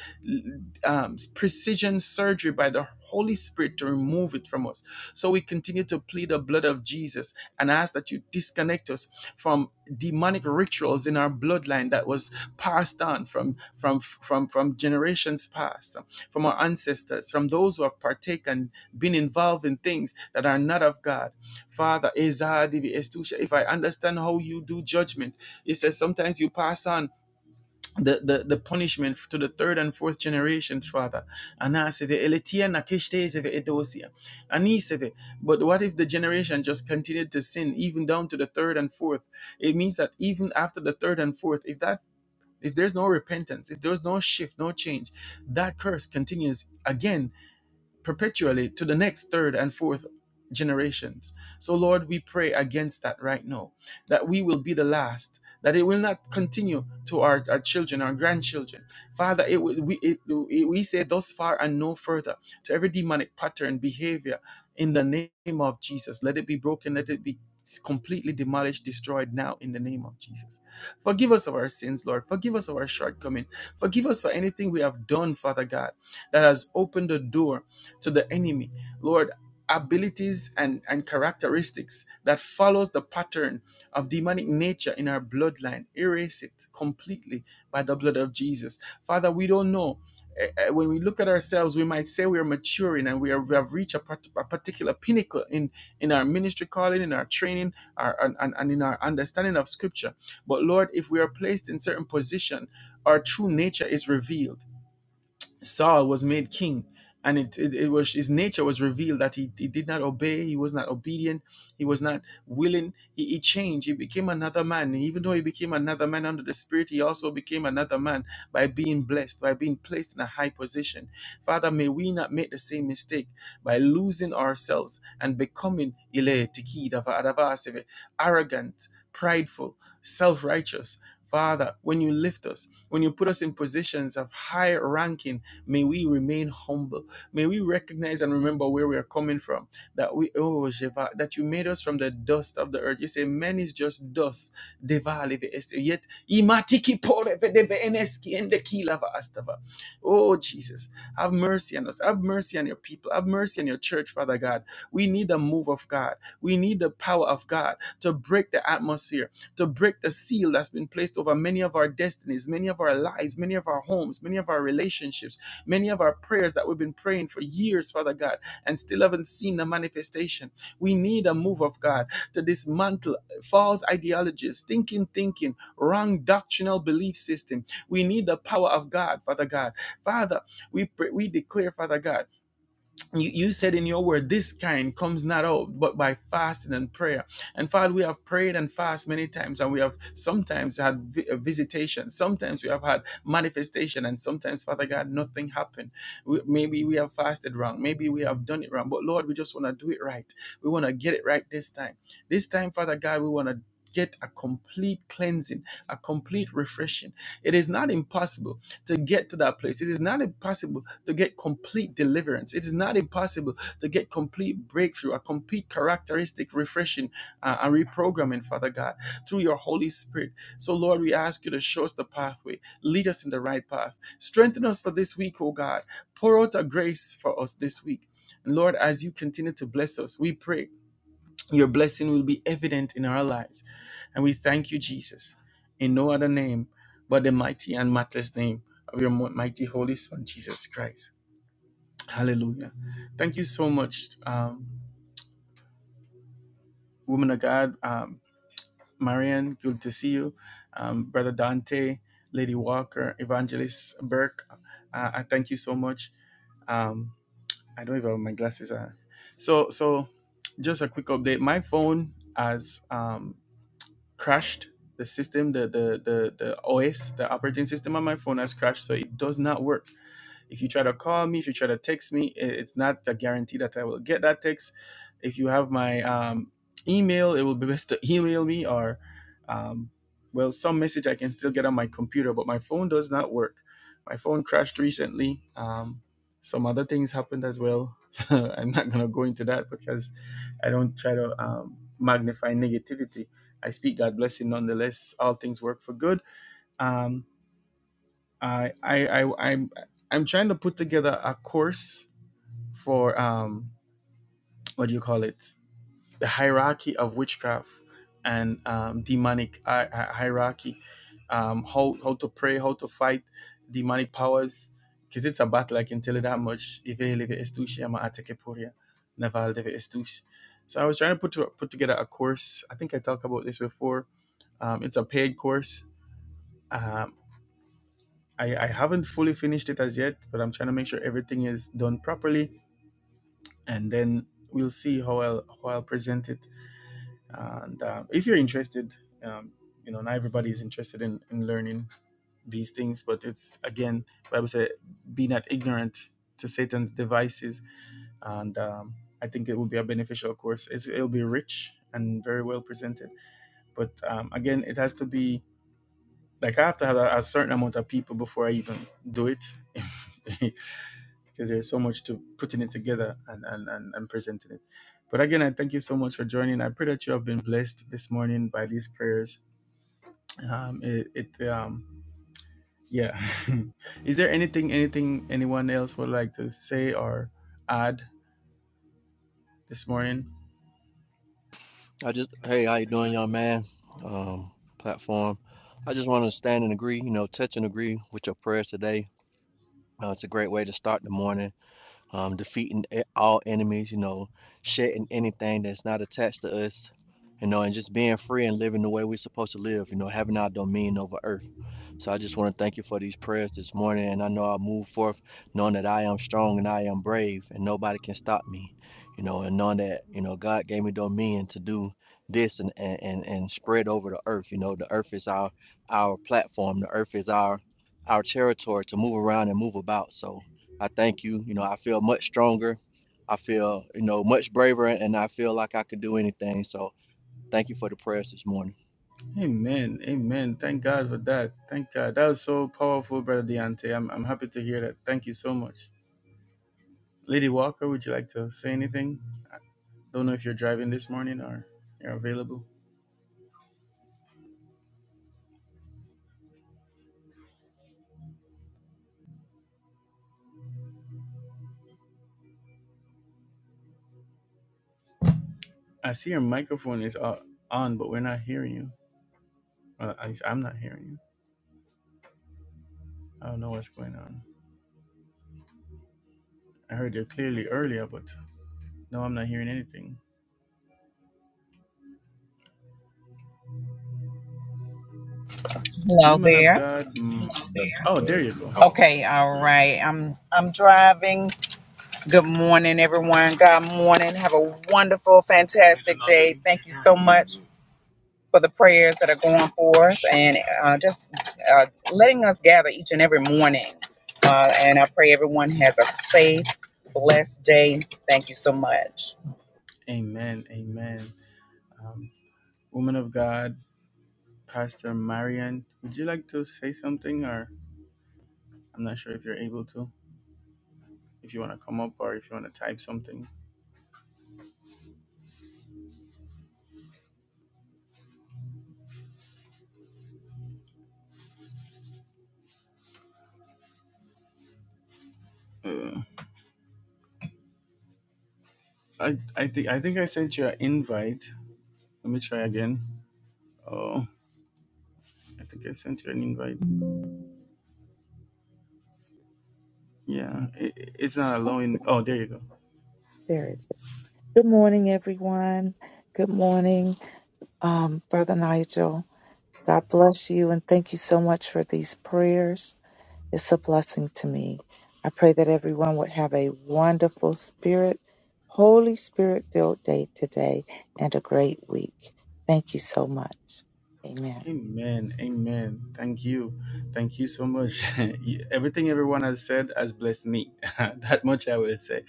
A: um, precision surgery by the Holy Spirit to remove it from us. So we continue to plead the blood of Jesus and ask that you disconnect us from demonic rituals in our bloodline that was passed on from from from from generations past from our ancestors from those who have partaken been involved in things that are not of god father Ezadivi if i understand how you do judgment it says sometimes you pass on the, the, the punishment to the third and fourth generations, Father. Anaseve, eletia nakeshtezeve edosia. Aniseve. But what if the generation just continued to sin even down to the third and fourth? It means that even after the third and fourth, if that if there's no repentance, if there's no shift, no change, that curse continues again perpetually to the next third and fourth generations. So, Lord, we pray against that right now, that we will be the last, that it will not continue to our, our children, our grandchildren. Father, it, we, it, we say thus far and no further to every demonic pattern, behavior in the name of Jesus. Let it be broken, let it be completely demolished, destroyed now in the name of Jesus. Forgive us of our sins, Lord. Forgive us of our shortcomings. Forgive us for anything we have done, Father God, that has opened the door to the enemy. Lord, abilities and, and characteristics that follows the pattern of demonic nature in our bloodline. Erase it completely by the blood of Jesus. Father, we don't know. Eh, eh, When we look at ourselves, we might say we are maturing and we, are, we have reached a, part, a particular pinnacle in, in our ministry calling, in our training, our, and and in our understanding of Scripture. But Lord, if we are placed in certain position, our true nature is revealed Saul was made king, and it, it, it was his nature was revealed that he, he did not obey, he was not obedient, he was not willing. He, he changed, he became another man. And even though he became another man under the Spirit, he also became another man by being blessed, by being placed in a high position. Father, may we not make the same mistake by losing ourselves and becoming ile tiki dava- dava arrogant, prideful, self righteous. Father, when you lift us, when you put us in positions of high ranking, May we remain humble. May we recognize and remember where we are coming from. That we, oh, Jeva, that you made us from the dust of the earth. You say, man is just dust. Deva leve este. Yet, pore ve deve ende ki astava. Oh, Jesus, have mercy on us. Have mercy on your people. Have mercy on your church, Father God. We need the move of God. We need the power of God to break the atmosphere, to break the seal that's been placed over many of our destinies, many of our lives, many of our homes, many of our relationships Many of our prayers that we've been praying for years, Father God, and still haven't seen the manifestation. We need a move of God to dismantle false ideologies, stinking thinking, wrong doctrinal belief system. We need the power of God, Father God. Father, we pray, we declare, Father God you, you said in your word, this kind comes not out but by fasting and prayer. And Father, we have prayed and fasted many times, and we have sometimes had vi- uh, visitation, sometimes we have had manifestation, and sometimes, Father God, nothing happened. We, maybe we have fasted wrong, maybe we have done it wrong, but Lord, we just want to do it right. We want to get it right this time. This time, Father God, we want to. Get a complete cleansing, a complete refreshing. It is not impossible to get to that place. It is not impossible to get complete deliverance. It is not impossible to get complete breakthrough, a complete characteristic refreshing uh, and reprogramming, Father God, through your Holy Spirit. So, Lord, we ask you to show us the pathway, lead us in the right path, strengthen us for this week, oh God. Pour out a grace for us this week. And Lord, as you continue to bless us, we pray your blessing will be evident in our lives. And we thank you, Jesus, in no other name but the mighty and matchless name of your mo- mighty Holy Son, Jesus Christ. Hallelujah. Thank you so much, um, woman of God, um, Marianne, good to see you. Um, Brother Dante, Lady Walker, Evangelist Burke, uh, I thank you so much. Um, I don't even have my glasses on. So, so just a quick update. My phone has. um, crashed the system the the the, the os the operating system on my phone has crashed so it does not work if you try to call me, if you try to text me, it's not a guarantee that I will get that text. If you have my um, email, it will be best to email me or, um, well, some message I can still get on my computer, but my phone does not work. My phone crashed recently. Um, some other things happened as well. So I'm not going to go into that because I don't try to um, magnify negativity. I speak God blessing nonetheless. All things work for good. Um, I I I I'm I'm trying to put together a course for um what do you call it? The hierarchy of witchcraft and um, demonic hi- hi- hierarchy. Um, how how to pray, how to fight demonic powers. Because it's a battle, I can tell you that much. Deve leve estuche, ama ateke poria, neva leve estuche. So I was trying to put to, put together a course. I think I talked about this before. Um, it's a paid course. Um, I, I haven't fully finished it as yet, but I'm trying to make sure everything is done properly, and then we'll see how I'll how I'll present it. And uh, if you're interested, um, you know, not everybody is interested in, in learning these things, but it's again, Bible said, "Be not ignorant to Satan's devices," and um, I think it will be a beneficial course. It's, it'll be rich and very well presented, but um, again, it has to be like I have to have a, a certain amount of people before I even do it. because there's so much to putting it together and, and, and, and presenting it. But again, I thank you so much for joining. I pray that you have been blessed this morning by these prayers. Um, it, it um, yeah. Is there anything, anything anyone else would like to say or add this morning?
C: I just, hey, how you doing, young man? Um, platform. I just want to stand and agree, you know, touch and agree with your prayers today. Uh, it's a great way to start the morning. Um, defeating e- all enemies, you know, shedding anything that's not attached to us, you know, and just being free and living the way we're supposed to live, you know, having our dominion over earth. So I just want to thank you for these prayers this morning. And I know I move forth knowing that I am strong and I am brave and nobody can stop me, you know, and knowing that, you know, God gave me dominion to do this and, and, and, and spread over the earth. You know, the earth is our our platform. The earth is our our territory to move around and move about. So I thank you. You know, I feel much stronger. I feel, you know, much braver and I feel like I could do anything. So thank you for the prayers this morning.
A: Amen. Amen. Thank God for that. Thank God. That was so powerful, Brother Deontay. I'm, I'm happy to hear that. Thank you so much. Lady Walker, would you like to say anything? Don't know if you're driving this morning or you're available. I see your microphone is o- on, but we're not hearing you. Well, at least I'm not hearing you. I don't know what's going on. I heard you clearly earlier, but no, I'm not hearing anything.
B: Hello
A: Woman of
B: there.
A: God. mm, oh, there you go.
B: Okay, all right. I'm I'm driving. Good morning, everyone. God morning. Have a wonderful, fantastic day. Thank you so much for the prayers that are going forth and uh, just uh, letting us gather each and every morning. Uh, and I pray everyone has a safe, blessed day. Thank you so much.
A: Amen. Amen. Um, woman of God, Pastor Marian, would you like to say something? Or I'm not sure if you're able to. If you want to come up or if you want to type something. Uh, I I think I think I sent you an invite. Let me try again. Oh, I think I sent you an invite. Yeah, it, it's not allowing. Oh, there you go.
D: Spirit. Good morning, everyone. Good morning, um, Brother Nigel. God bless you and thank you so much for these prayers. It's a blessing to me. I pray that everyone would have a wonderful Spirit, Holy Spirit filled day today and a great week. Thank you so much. Amen.
A: Amen. Amen. Thank you. Thank you so much. You- Everything everyone has said has blessed me. that much I will say.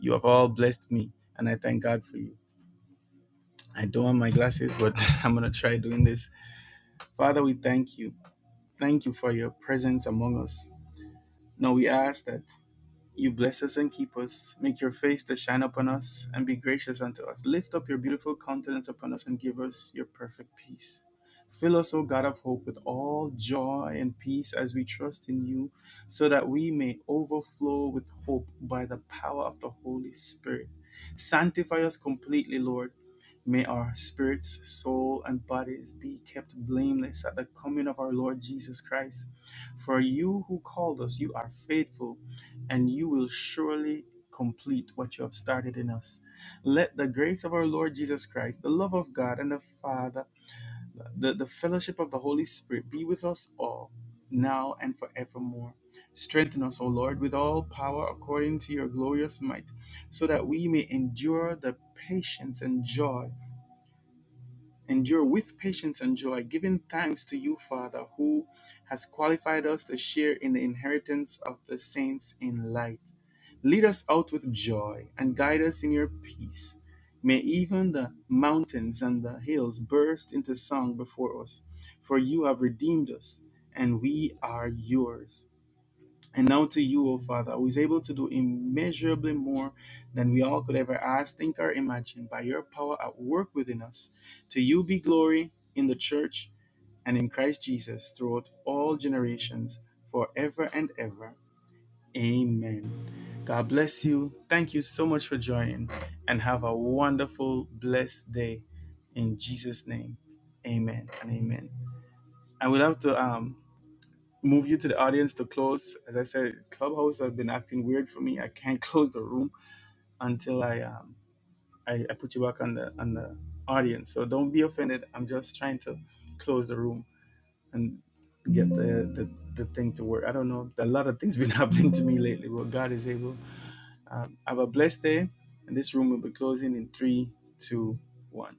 A: You have all blessed me, and I thank God for you. I don't have my glasses, but I'm going to try doing this. Father, we thank you. Thank you for your presence among us. Now we ask that. You bless us and keep us. Make your face to shine upon us and be gracious unto us. Lift up your beautiful countenance upon us and give us your perfect peace. Fill us, O God of hope, with all joy and peace as we trust in you, so that we may overflow with hope by the power of the Holy Spirit. Sanctify us completely, Lord. May our spirits, soul, and bodies be kept blameless at the coming of our Lord Jesus Christ. For you who called us, you are faithful and you will surely complete what you have started in us. Let the grace of our Lord Jesus Christ, the love of God and the Father, the, the fellowship of the Holy Spirit be with us all, now and forevermore. Strengthen us, O Lord, with all power according to your glorious might, so that we may endure the patience and joy Endure with patience and joy, giving thanks to you, Father, who has qualified us to share in the inheritance of the saints in light. Lead us out with joy and guide us in your peace. May even the mountains and the hills burst into song before us, for you have redeemed us and we are yours. And now to you, O Father, who is able to do immeasurably more than we all could ever ask, think, or imagine by your power at work within us. To you be glory in the church and in Christ Jesus throughout all generations, forever and ever. Amen. God bless you. Thank you so much for joining and have a wonderful, blessed day in Jesus' name. Amen and amen. I will have to um move you to the audience to close. As I said, Clubhouse has been acting weird for me. I can't close the room until I um I, I put you back on the on the audience. So don't be offended. I'm just trying to close the room and get the the, the thing to work. I don't know. A lot of things been happening to me lately, but God is able. Um, have a blessed day, and this room will be closing in three, two, one.